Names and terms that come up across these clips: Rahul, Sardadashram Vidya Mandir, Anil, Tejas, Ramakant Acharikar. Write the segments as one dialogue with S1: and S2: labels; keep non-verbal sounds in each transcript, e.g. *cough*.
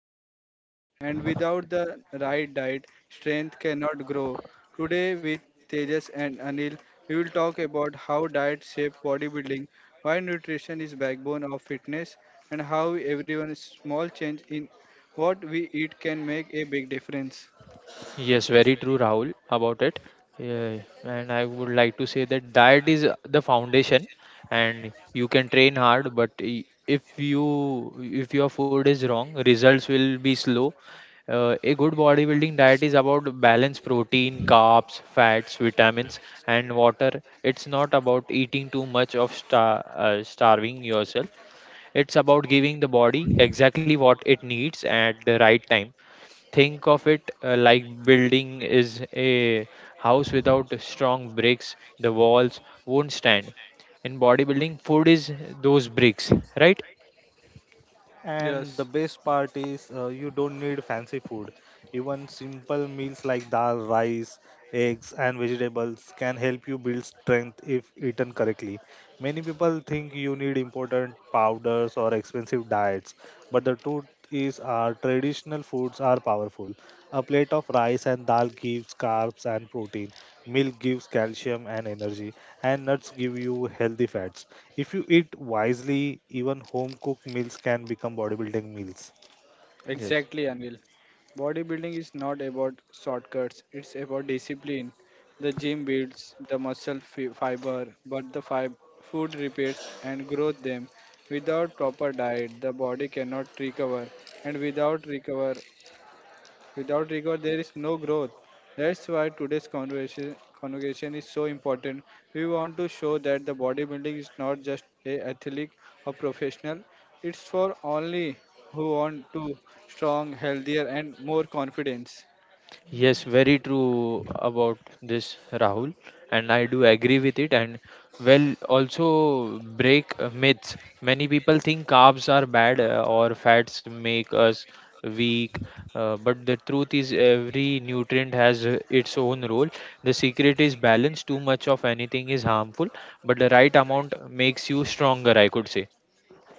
S1: Food is fuel, and without the right diet, strength cannot grow. Today, with Tejas and Anil, we will talk about how diet shapes bodybuilding, why nutrition is backbone of fitness, and how everyone's small change in what we eat can make a big difference.
S2: Yes, very true, Rahul, about it. Yeah, and I would like to say that diet is the foundation, and you can train hard, but if your food is wrong, results will be slow. A good bodybuilding diet is about balanced protein, carbs, fats, vitamins, and water. It's not about eating too much of starving yourself. It's about giving the body exactly what it needs at the right time. Think of it like building is a house without strong bricks, the walls won't stand. In bodybuilding, food is those bricks, right?
S1: Yes,
S3: And the best part is you don't need fancy food. Even simple meals like dal, rice, eggs, and vegetables can help you build strength if eaten correctly. Many people think you need important powders or expensive diets, but the truth is our traditional foods are powerful. A plate of rice and dal gives carbs and protein. Milk gives calcium and energy, and nuts give you healthy fats. If you eat wisely, even home cooked meals can become bodybuilding meals.
S2: Yes.
S1: exactly, Anil. Bodybuilding is not about shortcuts, it's about discipline. The gym builds the muscle fiber, but the food repairs and grows them. Without proper diet, the body cannot recover, and without rigor, there is no growth. That's why today's conversation is so important. We want to show that the bodybuilding is not just a athletic or professional. It's for only who want to strong, healthier, and more confidence.
S2: Yes, very true about this, Rahul, and I do agree with it. And well, also break myths. Many people think carbs are bad or fats make us weak, but the truth is every nutrient has its own role. The secret is balance. Too much of anything is harmful, but the right amount makes you stronger, I could say.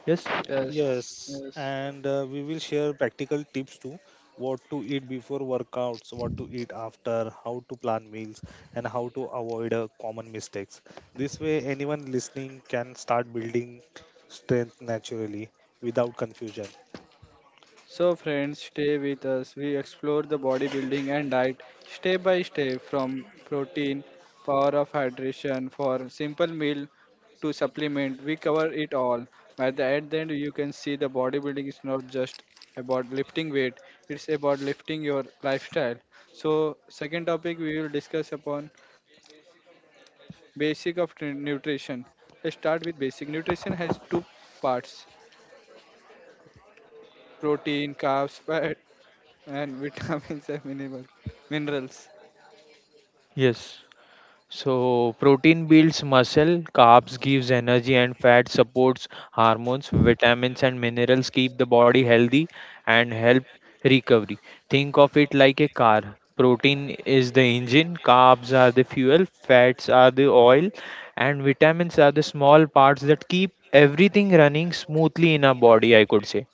S2: Yes,
S1: Yes,
S3: Yes,
S1: yes.
S3: and we will share practical tips too: what to eat before workouts, what to eat after, how to plan meals, and how to avoid common mistakes. This way, anyone listening can start building strength naturally without confusion.
S1: So, friends, stay with us. We explore the bodybuilding and diet step by step from protein, power of hydration for simple meal to supplement. We cover it all. At the end, then you can see the bodybuilding is not just about lifting weight, it's about lifting your lifestyle. So, second topic we will discuss upon basic of nutrition. Let's start with basic. Nutrition has two parts protein, carbs, fat, and *laughs* vitamins and minerals.
S2: yes. So protein builds muscle, carbs gives energy and fat supports hormones, vitamins and minerals keep the body healthy and help recovery. Think of it like a car. Protein is the engine, carbs are the fuel, fats are the oil and vitamins are the small parts that keep everything running smoothly in our body, I could say.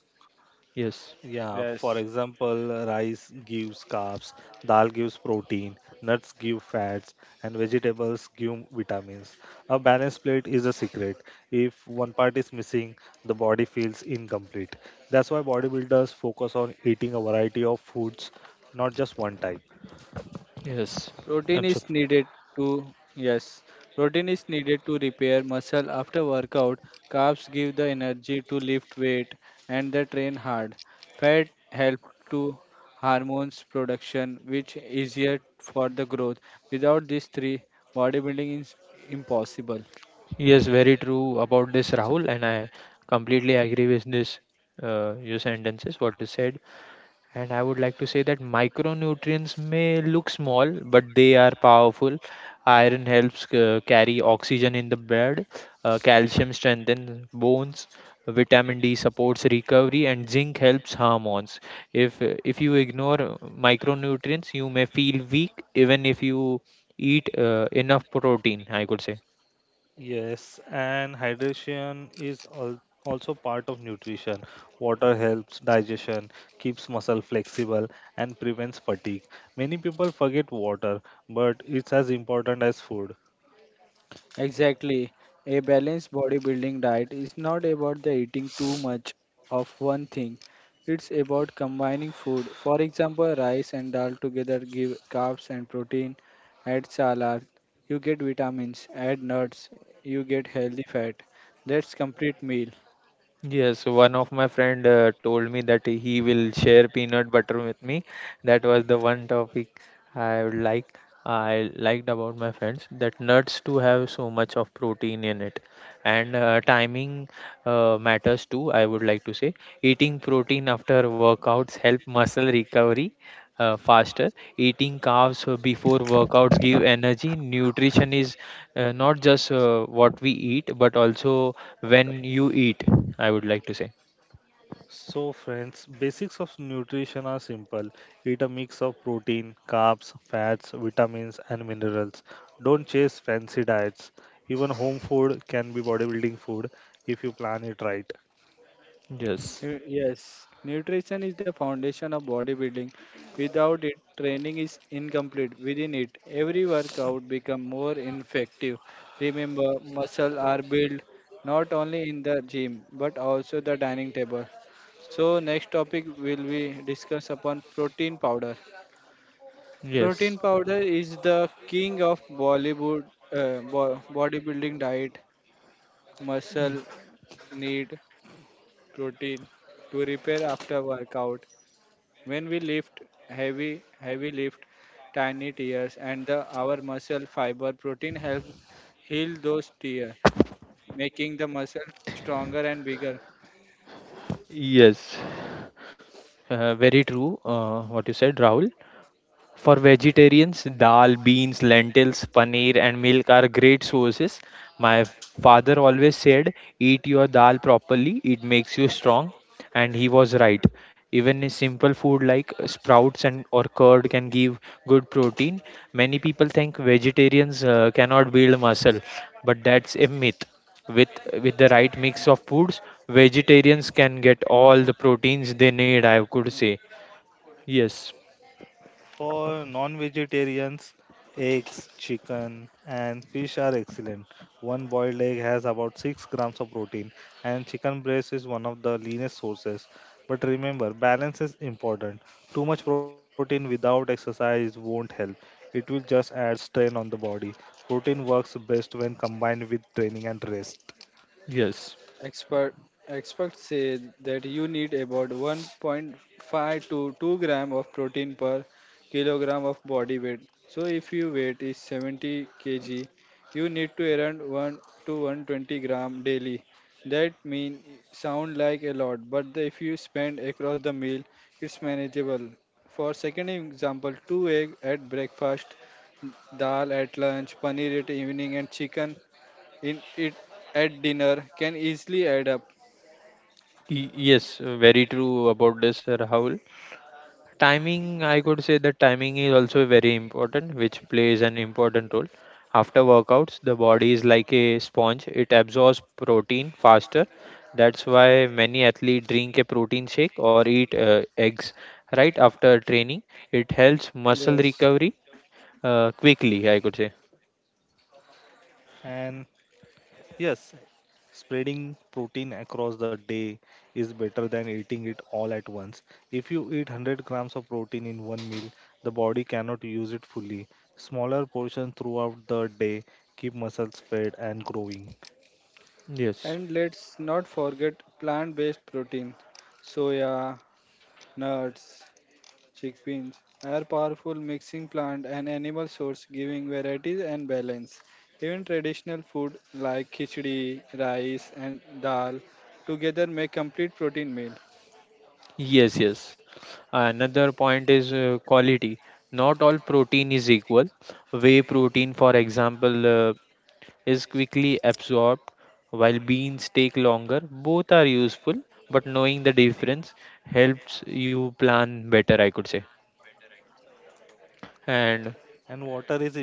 S2: Yes.
S3: Yeah, for
S1: Yes.
S3: example, rice gives carbs, dal gives protein, nuts give fats, and vegetables give vitamins. A balanced plate is a secret. If one part is missing, the body feels incomplete. That's why bodybuilders focus on eating a variety of foods, not just one type.
S2: Yes.
S1: Protein is needed to Yes, protein is needed to repair muscle after workout. Carbs give the energy to lift weight and the train hard. Fat help to hormones production, which easier for the growth. Without these three, bodybuilding is impossible.
S2: Yes, very true about this, Rahul, and I completely agree with this. Your sentences, what you said, and I would like to say that micronutrients may look small, but they are powerful. Iron helps carry oxygen in the blood, calcium strengthens bones, vitamin D supports recovery, and zinc helps hormones. If you ignore micronutrients, you may feel weak, even if you eat enough protein, I could say.
S3: Yes, and hydration is also part of nutrition. Water helps digestion, keeps muscle flexible, and prevents fatigue. Many people forget water, but it's as important as food.
S1: Exactly. A balanced bodybuilding diet is not about the eating too much of one thing. It's about combining food. For example, rice and dal together give carbs and protein. Add salad, you get vitamins. Add nuts, you get healthy fat. That's complete meal.
S2: Yes, one of my friend told me that he will share peanut butter with me. That was the one topic I would like I liked about my friends, that nuts too have so much of protein in it, and timing matters too. I would like to say, eating protein after workouts help muscle recovery faster. Eating carbs before workouts give energy. Nutrition is not just what we eat but also when you eat, I would like to say.
S3: So, friends, basics of nutrition are simple. Eat a mix of protein, carbs, fats, vitamins, and minerals. Don't chase fancy diets. Even home food can be bodybuilding food if you plan it right.
S2: Yes,
S1: Yes, nutrition is the foundation of bodybuilding. Without it, training is incomplete. Within it, every workout becomes more effective. Remember, muscle are built not only in the gym but also the dining table. So next topic will be discuss upon protein powder.
S2: yes,
S1: Protein powder is the king of Bollywood bodybuilding diet.
S2: Y-
S1: Muscle need protein to repair after workout when we lift heavy, heavy lift, tiny tears, and the our muscle fiber protein helps heal those tears, making the muscle stronger and bigger.
S2: yes Very true, what you said, Rahul. For vegetarians, dal, beans, lentils, paneer, and milk are great sources. My father always said, "Eat your dal properly, it makes you strong." And he was right. Even a simple food like sprouts and or curd can give good protein. Many people think vegetarians cannot build muscle, but that's a myth. With with the right mix of foods, vegetarians can get all the proteins they need, I could say. Yes,
S3: For non vegetarians, eggs, chicken, and fish are excellent. One boiled egg has about 6 grams of protein, and chicken breast is one of the leanest sources. But remember, balance is important. Too much protein without exercise won't help, it will just add strain on the body. Protein works best when combined with training and rest.
S2: yes.
S1: Expert experts say that you need about 1.5 to 2 gram of protein per kilogram of body weight. So if your weight is 70 kg, you need to around 1 to 120 gram daily. That mean sound like a lot, but if you spend across the meal, it's manageable. For second example, two egg at breakfast, dal at lunch, paneer at evening, and chicken in it at dinner can easily add up.
S2: Yes, very true about this, Rahul. Timing, I could say that timing is also very important, which plays an important role. After workouts, the body is like a sponge, it absorbs protein faster. That's why many athletes drink a protein shake or eat eggs right after training. It helps muscle
S1: Yes.
S2: recovery quickly, I could say.
S3: And yes, spreading protein across the day is better than eating it all at once. If you eat 100 grams of protein in one meal, the body cannot use it fully. Smaller portions throughout the day keep muscles fed and growing.
S2: Yes.
S1: And let's not forget plant based protein. Soya, nuts, chickpeas are powerful mixing plant and animal source giving varieties and balance. Even traditional food like khichdi, rice and dal together make complete protein meal.
S2: Yes, yes. Another point is quality. Not all protein is equal. Whey protein, for example, is quickly absorbed, while beans take longer. Both are useful, but knowing the difference helps you plan better, I could say.
S3: And water
S2: And
S3: is important too.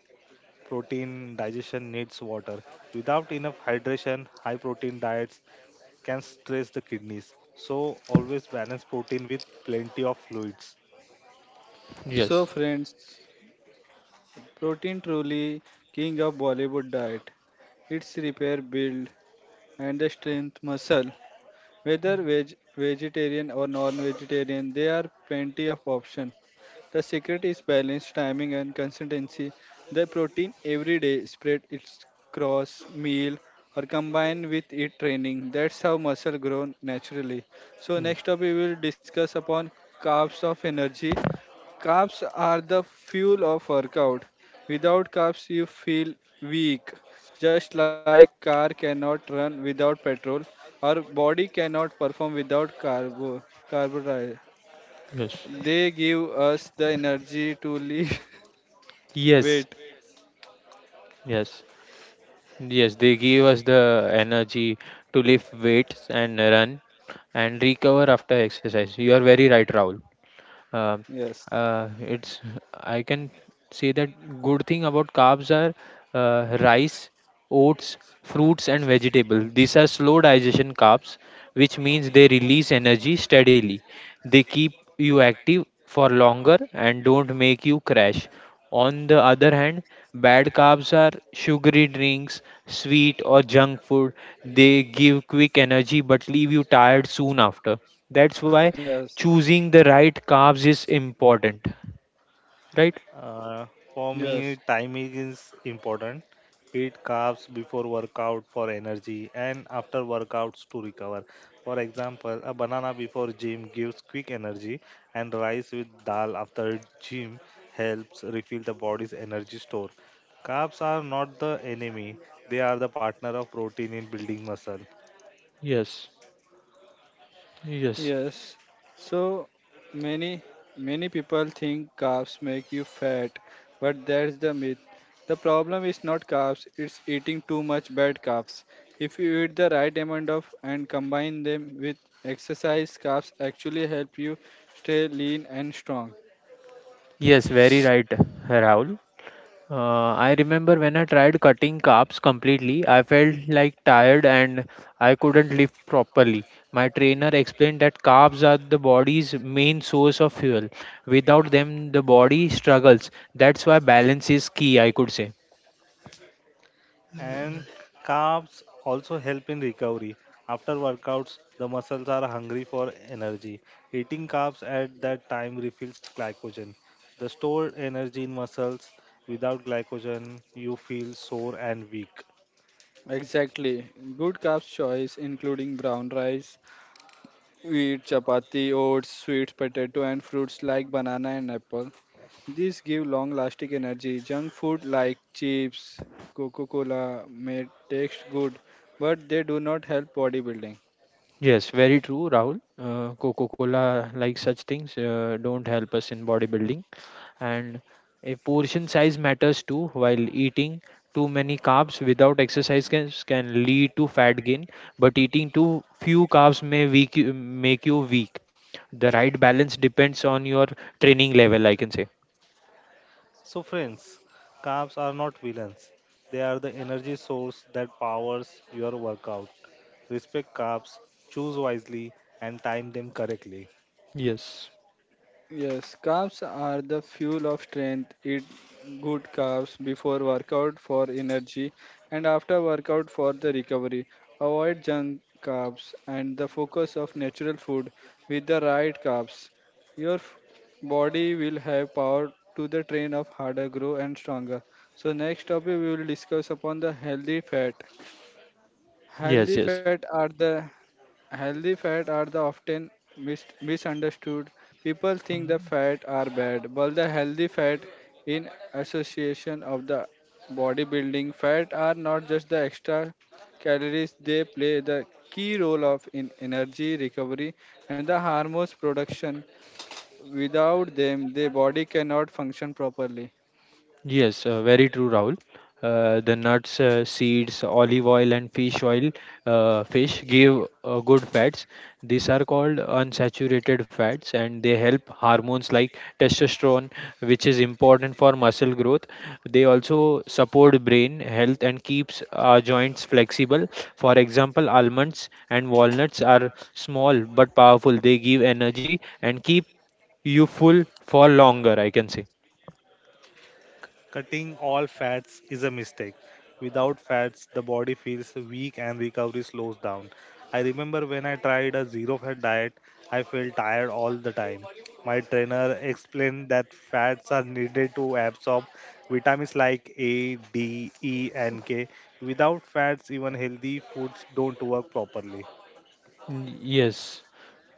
S3: Protein digestion needs water. Without enough hydration, high protein diets can stress the kidneys. So, always balance protein with plenty of fluids.
S1: So
S2: yes,
S1: friends, protein truly king of Bollywood diet. It's repair build and the strength muscle. Whether vegetarian or non-vegetarian, there are plenty of options. The secret is balance, timing, and consistency. The protein every day spread its cross meal or combine with it training. That's how muscle grow naturally. So
S2: mm,
S1: next up we will discuss upon carbs of energy. Carbs are the fuel of workout. Without carbs, you feel weak. Just like car cannot run without petrol, our body cannot perform without carbohydrate.
S2: yes,
S1: They give us the energy to lift
S2: yes,
S1: weight. *laughs*
S2: yes, yes. They give us the energy to lift weights and run and recover after exercise. You are very right, Rahul. Um,
S1: Yes,
S2: it's I can say that good thing about carbs are rice, oats, fruits and vegetables. These are slow digestion carbs, which means they release energy steadily. They keep you active for longer and don't make you crash. On the other hand, bad carbs are sugary drinks, sweet or junk food. They give quick energy but leave you tired soon after. That's why
S1: yes,
S2: choosing the right carbs is important, right?
S3: Uh, for me,
S1: yes.
S3: timing is important. Eat carbs before workout for energy and after workouts to recover. For example, a banana before gym gives quick energy, and rice with dal after gym helps refill the body's energy store. Carbs are not the enemy, they are the partner of protein in building muscle.
S2: Yes, yes,
S1: Yes. So many many people think carbs make you fat, but that's the myth. The problem is not carbs, it's eating too much bad carbs. If you eat the right amount of and combine them with exercise, carbs actually help you stay lean and strong.
S2: yes, very right, Rahul. I remember when I tried cutting carbs completely, I felt like tired and I couldn't lift properly. My trainer explained that carbs are the body's main source of fuel. Without them, the body struggles. That's why balance is key, I could say.
S3: And carbs also help in recovery. After workouts, the muscles are hungry for energy. Eating carbs at that time refills glycogen. The stored energy in muscles, without glycogen, you feel sore and weak.
S1: Exactly. Good carbs choice including brown rice, wheat, chapati, oats, sweet potato and fruits like banana and apple. These give long lasting energy. Junk food like chips, Coca Cola may taste good, but they do not help bodybuilding.
S2: Yes, very true, Rahul. Coca Cola, like such things, don't help us in bodybuilding. And a portion size matters too. While eating too many carbs without exercise can lead to fat gain, but eating too few carbs may make you weak. The right balance depends on your training level, I can say.
S3: So, friends, carbs are not villains. They are the energy source that powers your workout. Respect carbs, choose wisely, and time them correctly.
S2: Yes,
S1: Yes, carbs are the fuel of strength. Eat good carbs before workout for energy and after workout for the recovery. Avoid junk carbs and the focus of natural food with the right carbs. Your body will have power to the train of harder grow and stronger. So next topic we will discuss upon the healthy fat.
S2: yes,
S1: Healthy
S2: yes.
S1: fat are the Healthy fat are the often misunderstood. People think the fat are bad, but the healthy fat in association of the bodybuilding fat are not just the extra calories. They play the key role of in energy recovery and the hormones production without them the body cannot function properly.
S2: Yes, very true, Rahul. The nuts, seeds, olive oil, and fish oil, fish give good fats. These are called unsaturated fats, and they help hormones like testosterone, which is important for muscle growth. They also support brain health and keeps our joints flexible. For example, almonds and walnuts are small but powerful. They give energy and keep you full for longer, I can say.
S3: Cutting all fats is a mistake. Without fats, the body feels weak and recovery slows down. I remember when I tried a zero fat diet, I felt tired all the time. My trainer explained that fats are needed to absorb vitamins like A, D, E, and K. Without fats, even healthy foods don't work properly.
S2: Mm, yes.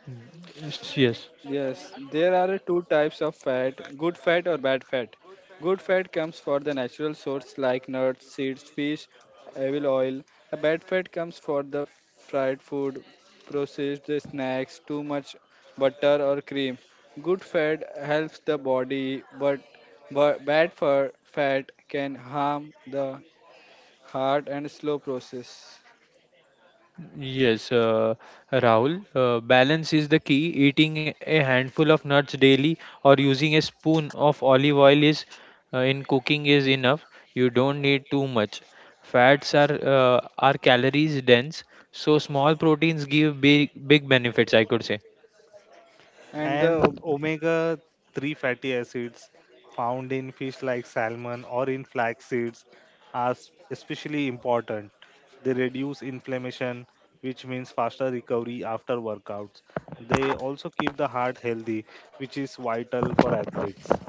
S2: Mm, yes, yes,
S1: Yes, there are two types of fat: good fat or bad fat. Good fat comes from the natural source like nuts, seeds, fish, edible oil. A bad fat comes from the fried food, processed snacks, too much butter or cream. Good fat helps the body, but bad fat can harm the heart and slow process.
S2: yes, Rahul. Balance is the key. Eating a handful of nuts daily or using a spoon of olive oil is in cooking is enough. You don't need too much. Fats are calories dense, so small proteins give big benefits, I could say.
S1: and
S3: And
S1: the
S3: omega 3 fatty acids found in fish like salmon or in flax seeds are especially important. They reduce inflammation, which means faster recovery after workouts. They also keep the heart healthy, which is vital for athletes.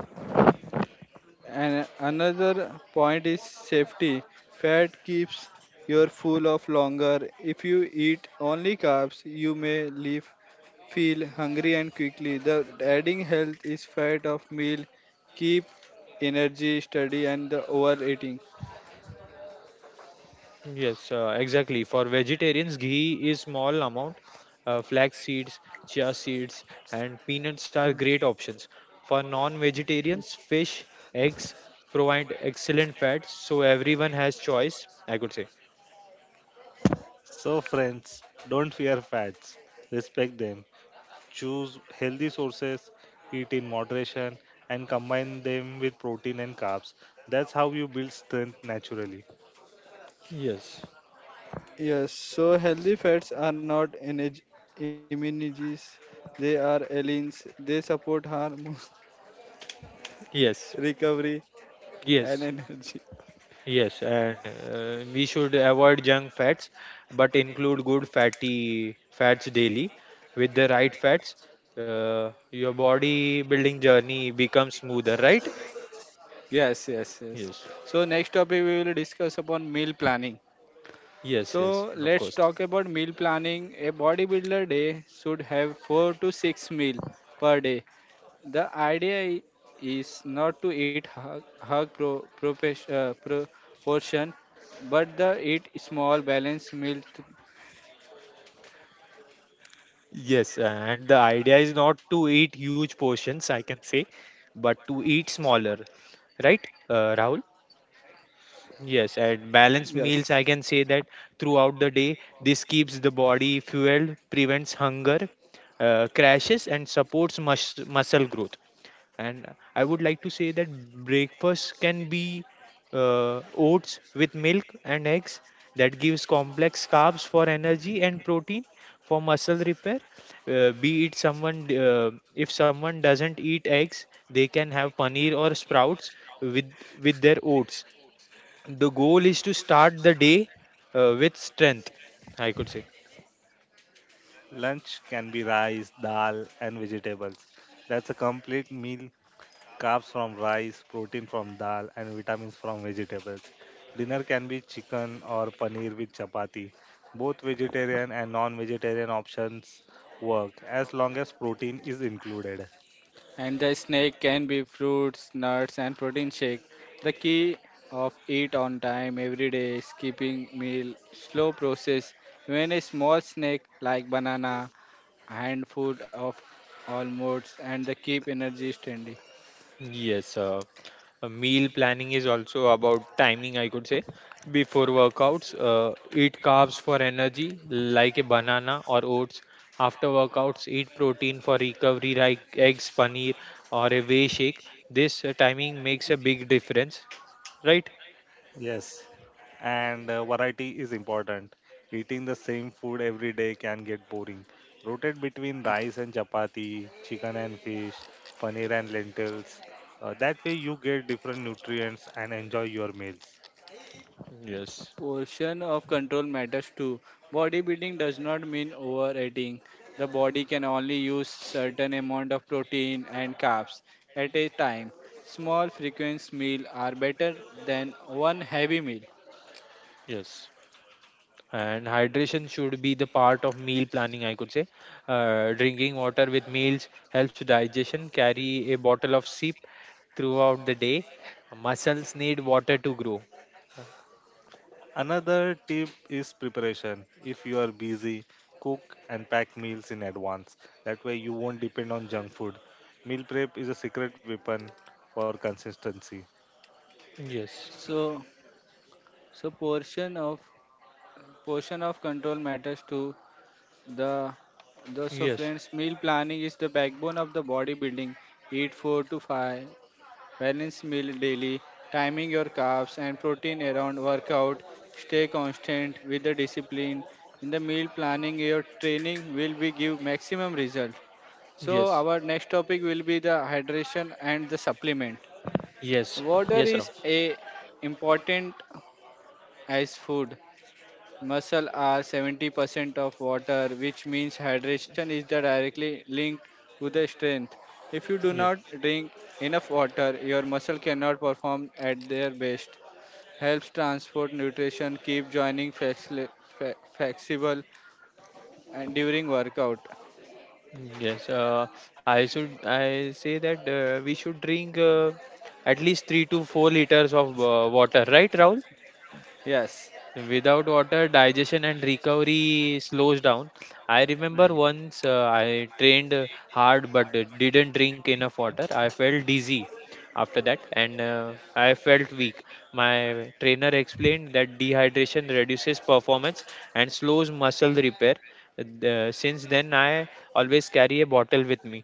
S1: And another point is safety. Fat keeps your full of longer. If you eat only carbs, you may leave feel hungry and quickly. The adding health is fat of meal, keep energy steady and the overeating.
S2: Yes, exactly. For vegetarians, ghee is small amount. Flax seeds, chia seeds, and peanuts are
S1: True.
S2: great options. For non-vegetarians, fish, eggs provide excellent fats, so everyone has choice, I could say.
S3: So, friends, don't fear fats, respect them. Choose healthy sources, eat in moderation, and combine them with protein and carbs. That's how you build strength naturally.
S2: Yes,
S1: Yes, so healthy fats are not energy immunities, they are allies. They support hormone *laughs*
S2: yes,
S1: recovery and
S2: yes,
S1: energy.
S2: yes. And we should avoid junk fats, but include good fatty fats daily. With the right fats, your body building journey becomes smoother, right?
S1: Yes, yes, yes.
S2: Yes.
S1: So next topic we will discuss upon meal planning.
S2: Yes, yes,
S1: So
S2: of
S1: let's
S2: course.
S1: talk about meal planning. A bodybuilder day should have four to six meal per day. The idea is not to eat hug, hug pro, propesh- pro- portion, but the eat small balanced meal.
S2: Yes, and the idea is not to eat huge portions, I can say, but to eat smaller, right, Rahul?
S1: Yes.
S2: Yes, and balanced meals, I can say that throughout the day, this keeps the body fueled, prevents hunger, crashes, and supports muscle growth. And I would like to say that breakfast can be oats with milk and eggs, that gives complex carbs for energy and protein for muscle repair. If someone doesn't eat eggs, they can have paneer or sprouts with with their oats. The goal is to start the day with strength, I could say.
S3: Lunch can be rice, dal, and vegetables. That's a complete meal. Carbs from rice, protein from dal, and vitamins from vegetables. Dinner can be chicken or paneer with chapati. Both vegetarian and non vegetarian options work as long as protein is included.
S1: And the snack can be fruits, nuts, and protein shake. The key of eat on time every day, skipping meal, slow process. Even a small snack like banana, handful of almonds, and the keep energy steady.
S2: Yes, meal planning is also about timing, I could say. Before workouts, eat carbs for energy, like a banana or oats. After workouts, eat protein for recovery, like eggs, paneer, or a whey shake. This timing makes a big difference, right?
S3: Yes, and variety is important. Eating the same food every day can get boring. Rotate between rice and chapati, chicken and fish, paneer and lentils. That way, you get different nutrients and enjoy your meals.
S2: Yes,
S1: Portion of control matters too. Bodybuilding does not mean overeating. The body can only use certain amount of protein and carbs at a time. Small frequent meal are better than one heavy meal.
S2: yes. And hydration should be the part of meal planning, I could say. Drinking water with meals helps digestion. Carry a bottle of sip throughout the day. Muscles need water to grow.
S3: Another tip is preparation. If you are busy, cook and pack meals in advance. That way, you won't depend on junk food. Meal prep is a secret weapon for consistency.
S2: Yes,
S1: So, so, portion of control matters to the the so
S2: yes,
S1: friends, meal planning is the backbone of the bodybuilding. Eat four to five balanced meal daily, timing your carbs and protein around workout. Stay constant with the discipline. In the meal planning, your training will be give maximum result. So
S2: yes,
S1: our next topic will be the hydration and the supplement.
S2: yes.
S1: Water
S2: Yes, Ram.
S1: is a important as food. Muscle are 70% of water, which means hydration is the directly linked to the strength. If you do
S2: Yes,
S1: not drink enough water, your muscle cannot perform at their best. Helps transport nutrition, keep joining flexible and during workout.
S2: yes, I say that we should drink at least 3 to 4 liters of water, right, Rahul?
S1: Yes.
S2: Without water, digestion and recovery slows down. I remember once I trained hard but didn't drink enough water. I felt dizzy after that and I felt weak. My trainer explained that dehydration reduces performance and slows muscle repair. Since then, I always carry a bottle with me.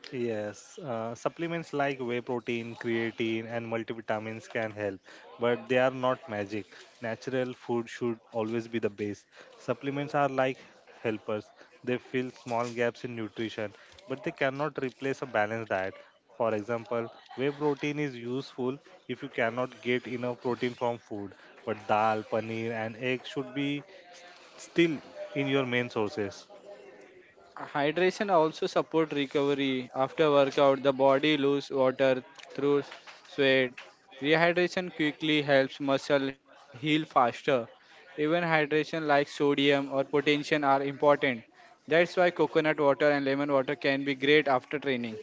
S3: Yes, supplements like whey protein, creatine, and multivitamins can help, but they are not magic. Natural food should always be the base. Supplements are like helpers, they fill small gaps in nutrition, but they cannot replace a balanced diet. For example, whey protein is useful if you cannot get enough protein from food, but dal, paneer, and eggs should be still in your main sources.
S1: Hydration also support recovery after workout. The body lose water through sweat. Rehydration quickly helps muscle heal faster. Even hydration like sodium or potassium are important. That's why coconut water and lemon water can be great after training.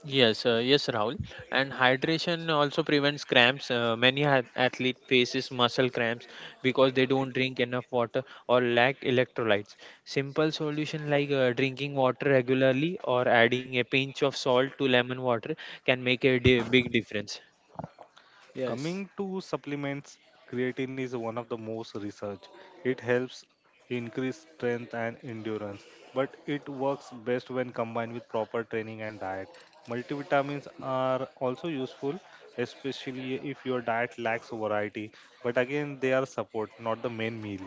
S2: Yes, yes, Rahul. And hydration also prevents cramps. Many athlete faces muscle cramps because they don't drink enough water or lack electrolytes. Simple solution like drinking water regularly or adding a pinch of salt to lemon water can make a big difference.
S1: Yes.
S3: Coming to supplements, creatine is one of the most researched. It helps increase strength and endurance, but it works best when combined with proper training and diet. Multivitamins are also useful, especially if your diet lacks variety, but again, they are support, not the main meal.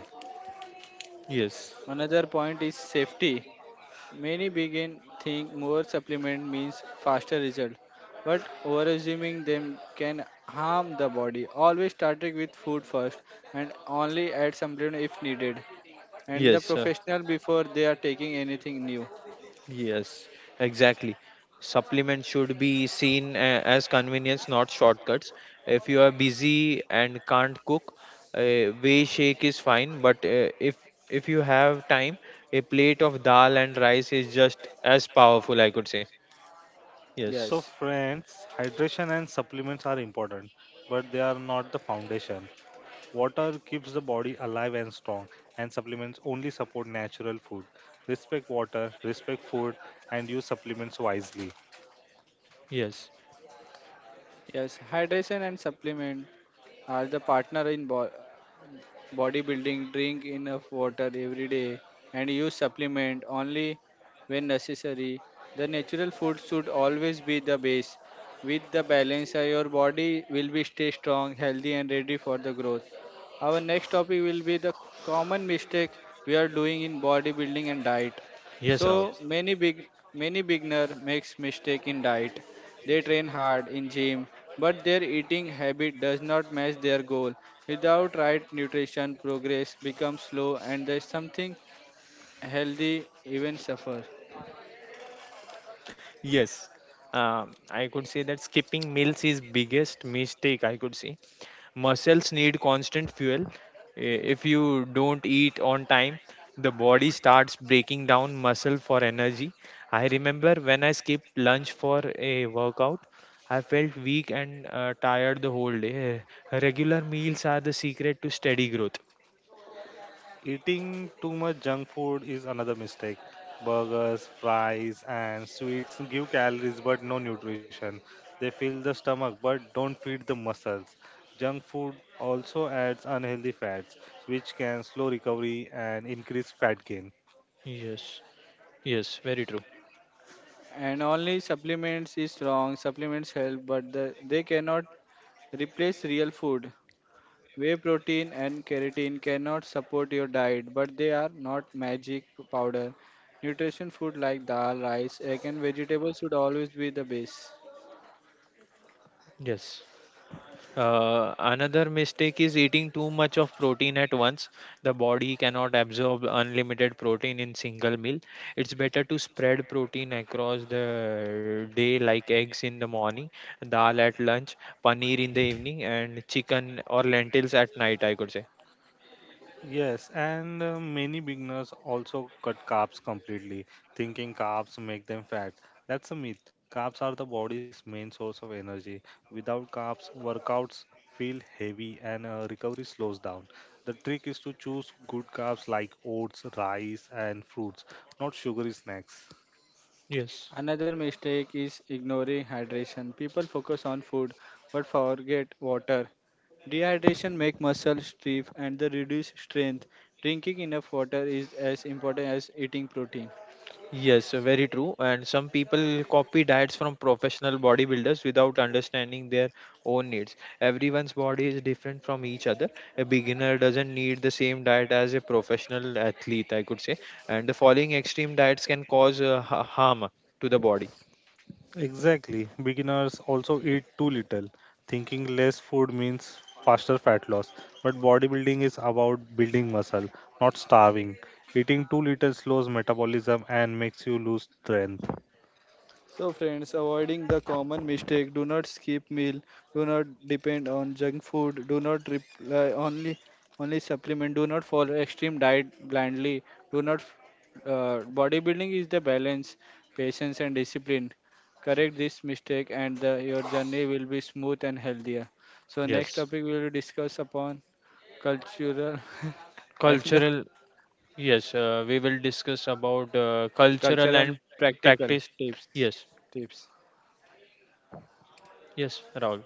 S2: Yes,
S1: Another point is safety. Many begin think more supplement means faster result, but overassuming them can harm the body. Always starting with food first and only add supplement if needed. And the
S2: yes.
S1: professional before they are taking anything new.
S2: Yes, exactly. Supplements should be seen as convenience, not shortcuts. If you are busy and can't cook, a whey shake is fine. But if you have time, a plate of dal and rice is just as powerful, I could say. Yes,
S3: So,
S1: Yes.
S3: friends, hydration and supplements are important, but they are not the foundation. Water keeps the body alive and strong, and supplements only support natural food. Respect water, respect food, and use supplements wisely.
S2: yes,
S1: Yes. Hydration and supplement are the partner in bodybuilding, drink enough water every day, and use supplement only when necessary. The natural food should always be the base. With the balance, your body will be stay strong, healthy, and ready for the growth. Our next topic will be the common mistake we are doing in bodybuilding and diet.
S2: yes, Rahul.
S1: So many beginner makes mistake in diet. They train hard in gym, but their eating habit does not match their goal. Without right nutrition, progress becomes slow and there's something healthy even suffer.
S2: Yes, I could say that skipping meals is biggest mistake, I could say. Muscles need constant fuel. If you don't eat on time, the body starts breaking down muscle for energy. I remember when I skipped lunch for a workout, I felt weak and tired the whole day. Regular meals are the secret to steady growth.
S3: Eating too much junk food is another mistake. Burgers, fries, and sweets give calories but no nutrition. They fill the stomach but don't feed the muscles. Junk food also adds unhealthy fats, which can slow recovery and increase fat gain.
S2: Yes, yes, very true.
S1: And only supplements is strong, supplements help, but they cannot replace real food. Whey protein and keratin cannot support your diet, but they are not magic powder. Nutrition food like dal, rice, egg and vegetables should always be the base.
S2: Yes. Another mistake is eating too much of protein at once. The body cannot absorb unlimited protein in single meal. It's better to spread protein across the day, like eggs in the morning, dal at lunch, paneer in the evening, and chicken or lentils at night, I could say.
S3: Yes, and many beginners also cut carbs completely, thinking carbs make them fat. That's a myth. Carbs are the body's main source of energy. Without carbs, workouts feel heavy and recovery slows down. The trick is to choose good carbs like oats, rice, and fruits, not sugary snacks.
S2: Yes.
S1: Another mistake is ignoring hydration. People focus on food but forget water. Dehydration makes muscles stiff and they reduce strength. Drinking enough water is as important as eating protein.
S2: Yes, very true. And some people copy diets from professional bodybuilders without understanding their own needs. Everyone's body is different from each other. A beginner doesn't need the same diet as a professional athlete, I could say. And the following extreme diets can cause harm to the body.
S3: Exactly. Beginners also eat too little, thinking less food means faster fat loss. But bodybuilding is about building muscle, not starving. Eating too little slows metabolism and makes you lose strength.
S1: So, friends, avoiding the common mistake do not skip meal, do not depend on junk food, do not reply only supplement, do not follow extreme diet blindly, do not. Bodybuilding is the balance, patience, and discipline. Correct this mistake, and your journey will be smooth and healthier. So, next
S2: Yes,
S1: topic we will discuss upon cultural *laughs* and the
S2: cultural. Yes, we will discuss about cultural
S1: cultural
S2: and
S1: practical
S2: practice.
S1: tips.
S2: Yes,
S1: Tips.
S2: yes, Rahul.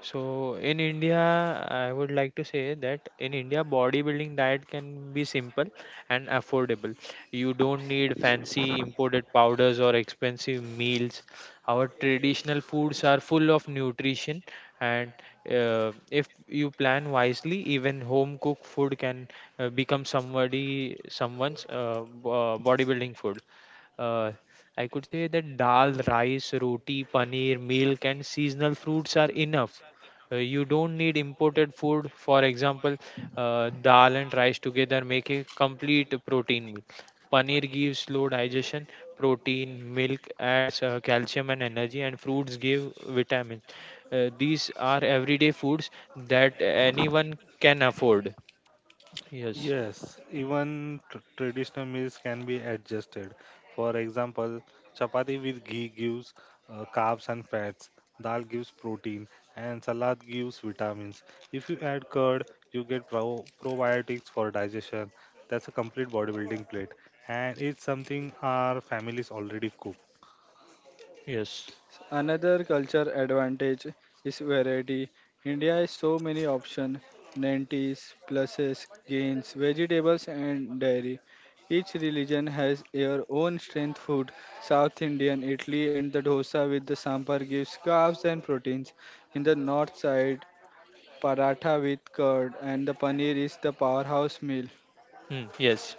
S2: So in India, I would like to say that in India, bodybuilding diet can be simple and affordable. You don't need fancy imported powders or expensive meals. Our traditional foods are full of nutrition, and if you plan wisely, even home cooked food can become somebody someone's bodybuilding food uh, I could say that dal, rice, roti, paneer, milk, and seasonal fruits are enough. You don't need imported food. For example, dal and rice together make a complete protein meal. Paneer gives slow digestion, protein, milk adds calcium and energy, and fruits give vitamins. These are everyday foods that anyone can afford. Yes,
S3: Yes, even traditional meals can be adjusted. For example, chapati with ghee gives carbs and fats, dal gives protein, and salad gives vitamins. If you add curd, you get probiotics for digestion. That's a complete bodybuilding plate, and it's something our families already cook.
S2: yes.
S1: Another culture advantage is variety. India has so many options: lentis, pulses, grains, vegetables, and dairy. Each religion has their own strength food. South Indian, Italy, and the dosa with the sambar gives carbs and proteins. In the north side, paratha with curd and the paneer is the powerhouse meal.
S2: Hmm, yes.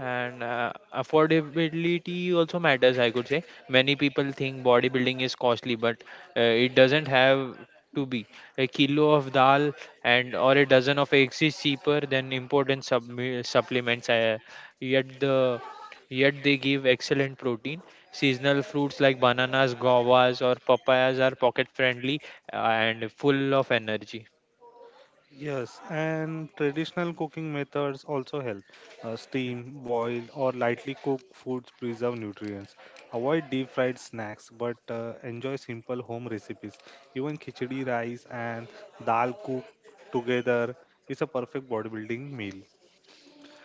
S2: And affordability also matters, I could say. Many people think bodybuilding is costly, but it doesn't have to be. A kilo of dal and or a dozen of eggs is cheaper than important sub supplements. Yet the yet they give excellent protein. Seasonal fruits like bananas, guavas, or papayas are pocket friendly and full of energy.
S3: Yes, and traditional cooking methods also help. Steam, boiled, or lightly cooked foods preserve nutrients. Avoid deep fried snacks, but enjoy simple home recipes. Even khichdi, rice and dal cooked together is a perfect bodybuilding meal.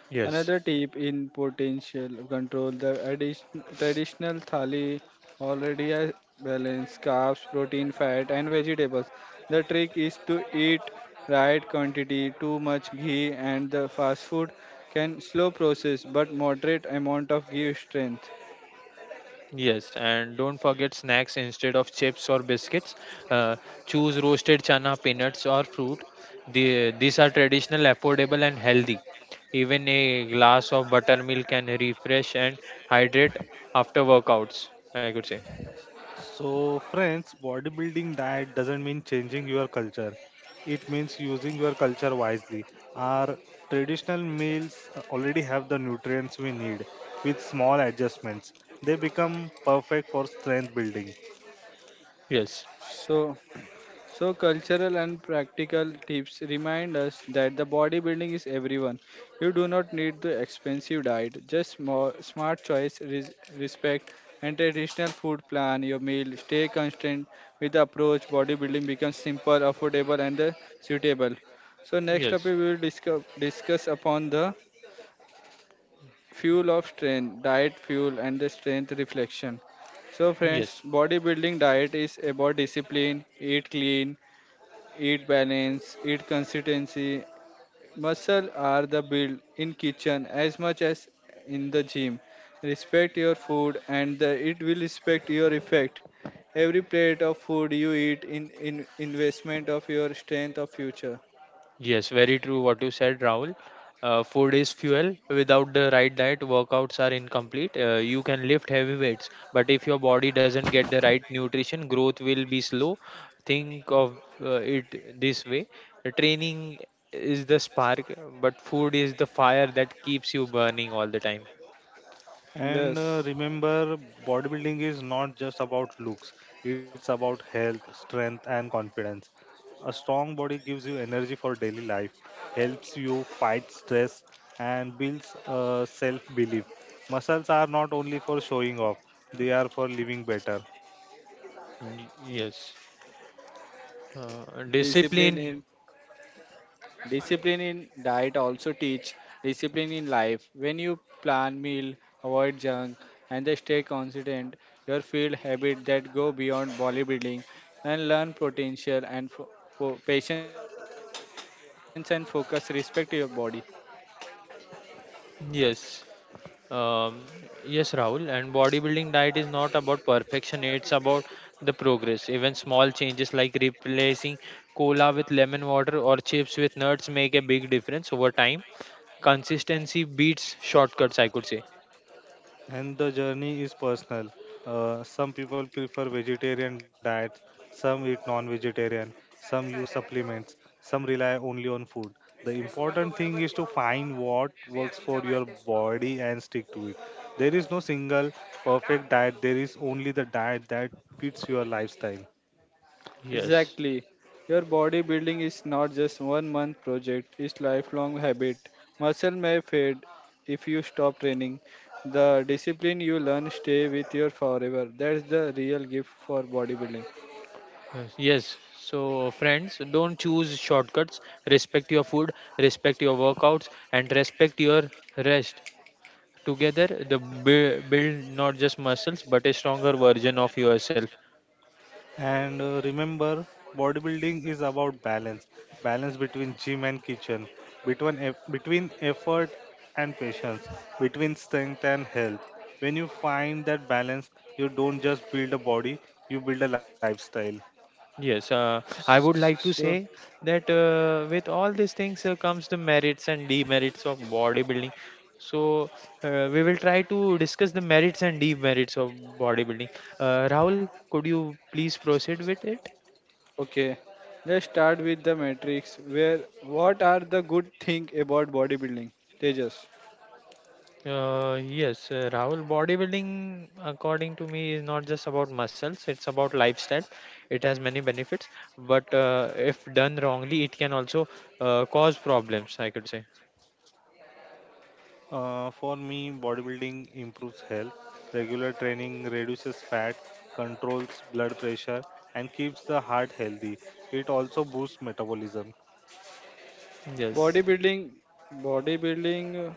S2: Yes.
S1: Another tip in potential control the addition, traditional thali already a balance carbs, protein, fat, and vegetables. The trick is to eat right quantity. Too much ghee and the fast food can slow process, but moderate amount of give strength.
S2: Yes, and don't forget snacks instead of chips or biscuits. Uh, Choose roasted chana, peanuts, or fruit. These are traditional, affordable, and healthy. Even a glass of buttermilk can refresh and hydrate after workouts, I could say.
S3: So, friends, bodybuilding diet doesn't mean changing your culture. It means using your culture wisely. Our traditional meals already have the nutrients we need. With small adjustments, they become perfect for strength building.
S2: Yes,
S1: So So, cultural and practical tips remind us that the bodybuilding is everyone. You do not need the expensive diet, just more smart choice, respect, and traditional food plan your meal. Stay constant with the approach. Bodybuilding becomes simple, affordable, and suitable. So, next topic
S2: yes,
S1: we will discuss upon the fuel of strength, diet fuel, and the strength reflection. So,
S2: yes.
S1: friends, bodybuilding diet is about discipline, eat clean, eat balance, eat consistency. Muscle are the build in kitchen as much as in the gym. Respect your food and the, it will respect your effect. Every plate of food you eat in investment of your strength of future.
S2: Yes, very true what you said, Rahul. Food is fuel. Without the right diet, workouts are incomplete. You can lift heavy weights, but if your body doesn't get the right nutrition, growth will be slow. Think of it this way. Training is the spark, but food is the fire that keeps you burning all the time.
S3: And
S1: Yes.
S3: remember, bodybuilding is not just about looks, it's about health, strength, and confidence. A strong body gives you energy for daily life, helps you fight stress, and builds self belief. Muscles are not only for showing off, they are for living better.
S2: Yes,
S1: Discipline
S2: discipline.
S1: in. Discipline in diet also teach discipline in life. When you plan meal, avoid junk, and they stay consistent, your field habit that go beyond bodybuilding and learn potential and patience and focus. Respect your body.
S2: Yes. Um, yes, Rahul. And bodybuilding diet is not about perfection, it's about the progress. Even small changes like replacing cola with lemon water or chips with nuts make a big difference over time. Consistency beats shortcuts, I could say.
S3: And the journey is personal. Some people prefer vegetarian diets, some eat non-vegetarian, some use supplements, some rely only on food. The important thing is to find what works for your body and stick to it. There is no single perfect diet. There is only the diet that fits your lifestyle.
S2: Yes.
S1: Exactly. Your bodybuilding is not just one month project, it's lifelong habit. Muscle may fade if you stop training. The discipline you learn stay with you forever. That's the real gift for bodybuilding.
S2: Yes. Yes. So, friends, don't choose shortcuts. Respect your food, respect your workouts, and respect your rest. Together, build not just muscles but a stronger version of yourself.
S3: And remember, bodybuilding is about balance, balance between gym and kitchen, between between effort and patience, between strength and health. When you find that balance, you don't just build a body, you build a lifestyle.
S2: Yes, I would like to
S1: So,
S2: say that with all these things comes the merits and demerits of bodybuilding. So we will try to discuss the merits and demerits of bodybuilding. Rahul, could you please proceed with it?
S1: okay, let's start with the matrix. Where what are the good thing about bodybuilding? Tejas,
S2: Yes, Rahul, bodybuilding, according to me, is not just about muscles, it's about lifestyle. It has many benefits, but if done wrongly, it can also cause problems, I could say.
S3: For me, bodybuilding improves health. Regular training reduces fat, controls blood pressure, and keeps the heart healthy. It also boosts metabolism.
S2: Yes.
S1: bodybuilding, bodybuilding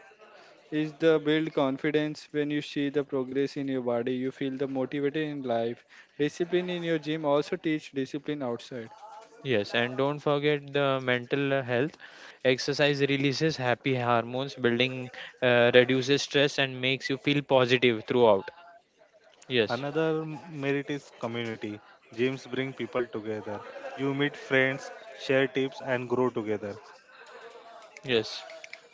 S1: is the build confidence. When you see the progress in your body, you feel the motivated in life. Discipline in your gym also teach discipline outside.
S2: Yes, and don't forget the mental health. Exercise releases happy hormones, building reduces stress and makes you feel positive throughout. Yes,
S3: Another merit is community. Gyms bring people together. You meet friends, share tips, and grow together.
S2: yes.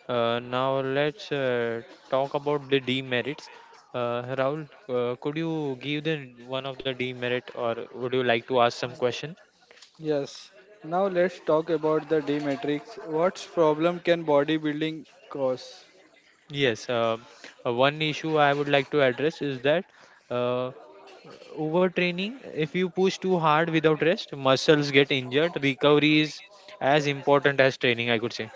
S2: Now let's talk about the demerits. Rahul, could you give the one of the demerit, or would you like to ask some question?
S1: Yes. Now let's talk about the D matrix. What's problem can bodybuilding cause?
S2: Yes. One issue I would like to address is that uh, overtraining, if you push too hard without rest, muscles get injured. Recovery is as important as training, I could say.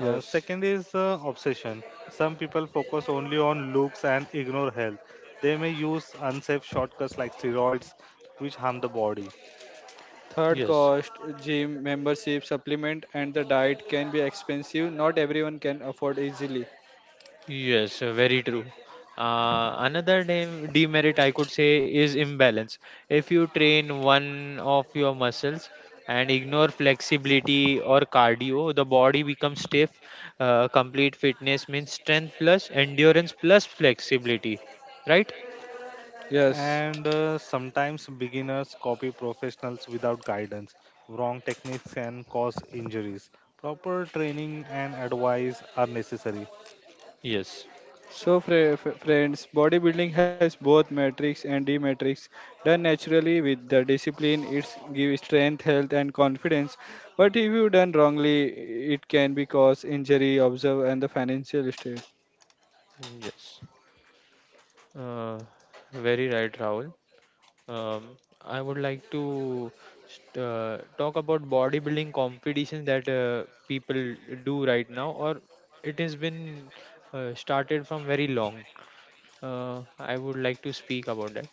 S3: Second is obsession. Some people focus only on looks and ignore health. They may use unsafe shortcuts like steroids, which harm the body.
S1: Third
S2: Yes,
S1: cost, gym membership, supplement, and the diet can be expensive. Not everyone can afford easily.
S2: yes, very true. Another demerit I could say is imbalance. If you train one of your muscles and ignore flexibility or cardio, the body becomes stiff. Complete fitness means strength plus endurance plus flexibility, right?
S1: Yes.
S3: And sometimes beginners copy professionals without guidance. Wrong techniques can cause injuries. Proper training and advice are necessary.
S2: Yes,
S1: So, friends, bodybuilding has both matrix and d-matrix. Done naturally with the discipline, it gives strength, health, and confidence. But if you done wrongly, it can be cause injury, observe, and the financial strain.
S2: yes. Uh, very right, Rahul. Um, I would like to talk about bodybuilding competition that people do right now, or it has been started from very long. I would like to speak about that.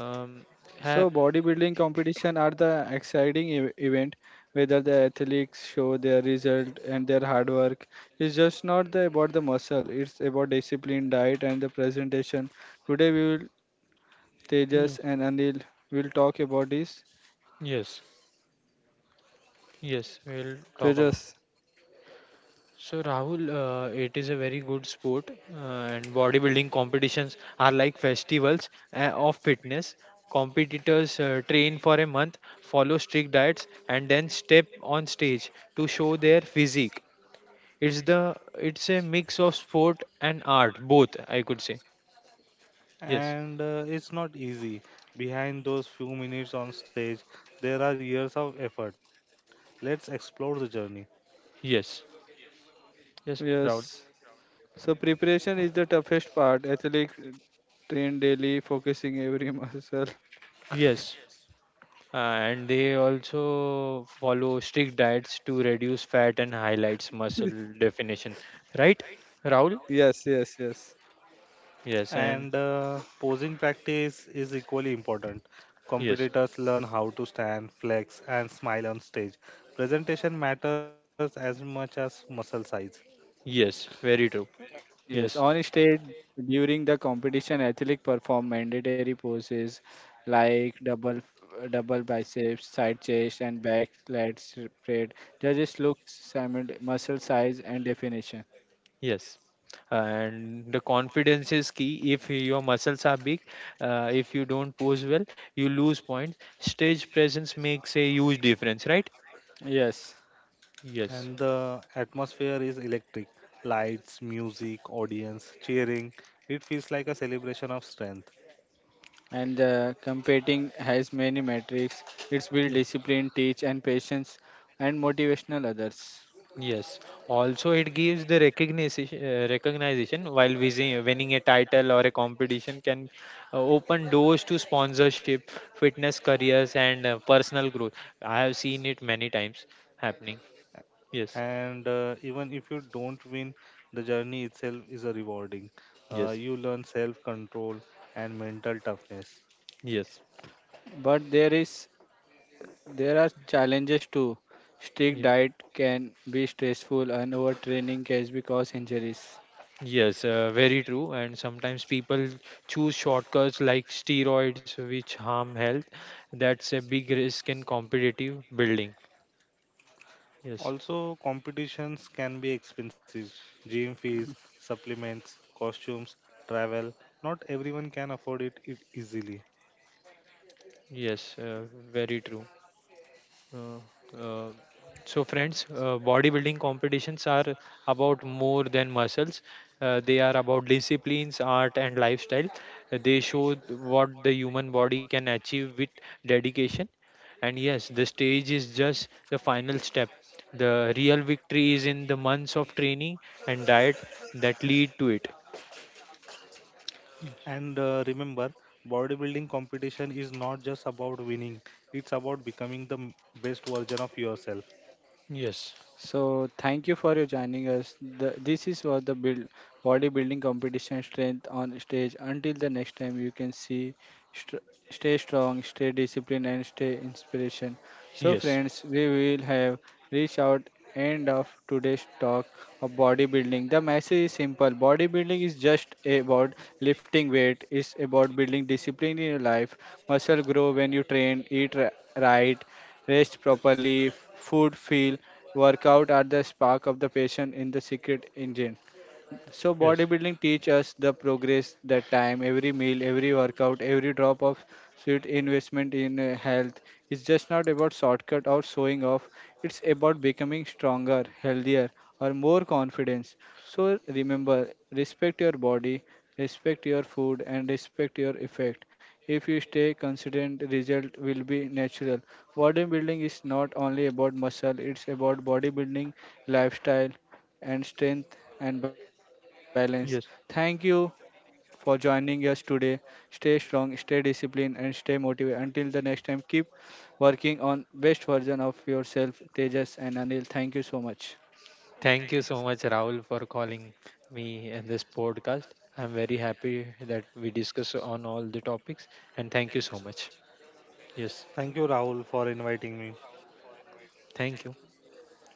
S2: Um,
S1: So,
S2: ha-
S1: bodybuilding competition are the exciting event whether the athletes show their result and their hard work. It's just not the, about the muscle, it's about discipline, diet, and the presentation. Today, we will, Tejas
S2: yes,
S1: and Anil, will talk about this.
S2: yes, yes, we'll talk about.
S1: Tejas,
S2: So Rahul, it is a very good sport, and bodybuilding competitions are like festivals of fitness. Competitors train for a month, follow strict diets, and then step on stage to show their physique. It's the it's a mix of sport and art, both I could say. Yes,
S3: And it's not easy. Behind those few minutes on stage, there are years of effort. Let's explore the journey.
S2: yes, yes, Rahul.
S1: yes. So, preparation is the toughest part. Athlete train daily, focusing every *laughs* muscle.
S2: Yes, and they also follow strict diets to reduce fat and highlights muscle definition, right, Rahul?
S1: Yes.
S2: Yes, and
S3: And posing practice is equally important.
S2: yes,
S3: Competitors learn how to stand, flex, and smile on stage. Presentation matters as much as muscle size.
S2: yes, very true.
S1: Yes,
S2: Yes,
S1: on stage during the competition, athletes perform mandatory poses like double biceps, side chest, and back lat spread. Judges look muscle size and definition.
S2: yes. And the confidence is key. If your muscles are big, if you don't pose well, you lose points. Stage presence makes a huge difference, right?
S1: Yes,
S3: And
S2: Yes,
S3: the atmosphere is electric: lights, music, audience, cheering. It feels like a celebration of strength.
S1: and competing has many metrics. It's build
S2: yes,
S1: discipline, teach, and patience, and motivational others.
S2: yes. Also, it gives the recognition, recognition while winning a title or a competition can open doors to sponsorship, fitness careers, and personal growth. I have seen it many times happening. Yes.
S3: And even if you don't win, the journey itself is a rewarding.
S2: Yes,
S3: You learn self control and mental toughness.
S2: yes,
S1: But there are challenges too. Strict
S2: ye-
S1: diet can be stressful, and overtraining can cause injuries.
S2: yes, very true. And sometimes people choose shortcuts like steroids, which harm health. That's a big risk in competitive building. Yes,
S3: Also competitions can be expensive: gym fees, supplements, costumes, travel. Not everyone can afford it, it easily.
S2: yes, very true. Uh, uh, so friends, bodybuilding competitions are about more than muscles. They are about disciplines, art, and lifestyle. They show what the human body can achieve with dedication. And yes, the stage is just the final step. The real victory is in the months of training and diet that lead to it.
S3: And
S2: Yes,
S3: remember, bodybuilding competition is not just about winning, it's about becoming the best version of yourself.
S2: yes,
S1: So thank you for your joining us. The, this is was the build bodybuilding competition strength on stage. Until the next time, you can see, str stay strong, stay disciplined, and stay inspiration. So
S2: yes,
S1: friends, we will have reached out end of today's talk of bodybuilding. The message is simple. Bodybuilding is just about lifting weight. It's about building discipline in your life. Muscle grow when you train, right, rest properly, food feel workout at the spark of the passion in the secret engine. So
S2: yes,
S1: bodybuilding teach us the progress, the time, every meal, every workout, every drop of sweat investment in health. It's just not about shortcut or showing off. It's about becoming stronger, healthier, or more confidence. So remember, respect your body, respect your food, and respect your effect. If you stay consistent, result will be natural. Bodybuilding is not only about muscle; it's about bodybuilding, lifestyle, and strength and balance. Thank you
S2: yes.
S1: for joining us today. Stay strong, stay disciplined, and stay motivated. Until the next time, keep working on best version of yourself, Tejas and Anil. Thank you so much.
S2: Thank you so much, Rahul, for calling me in this podcast. I'm very happy that we discuss on all the topics, and thank you so much. Yes,
S3: Thank you, Rahul, for inviting me.
S2: thank you.
S1: Thank you. See you again.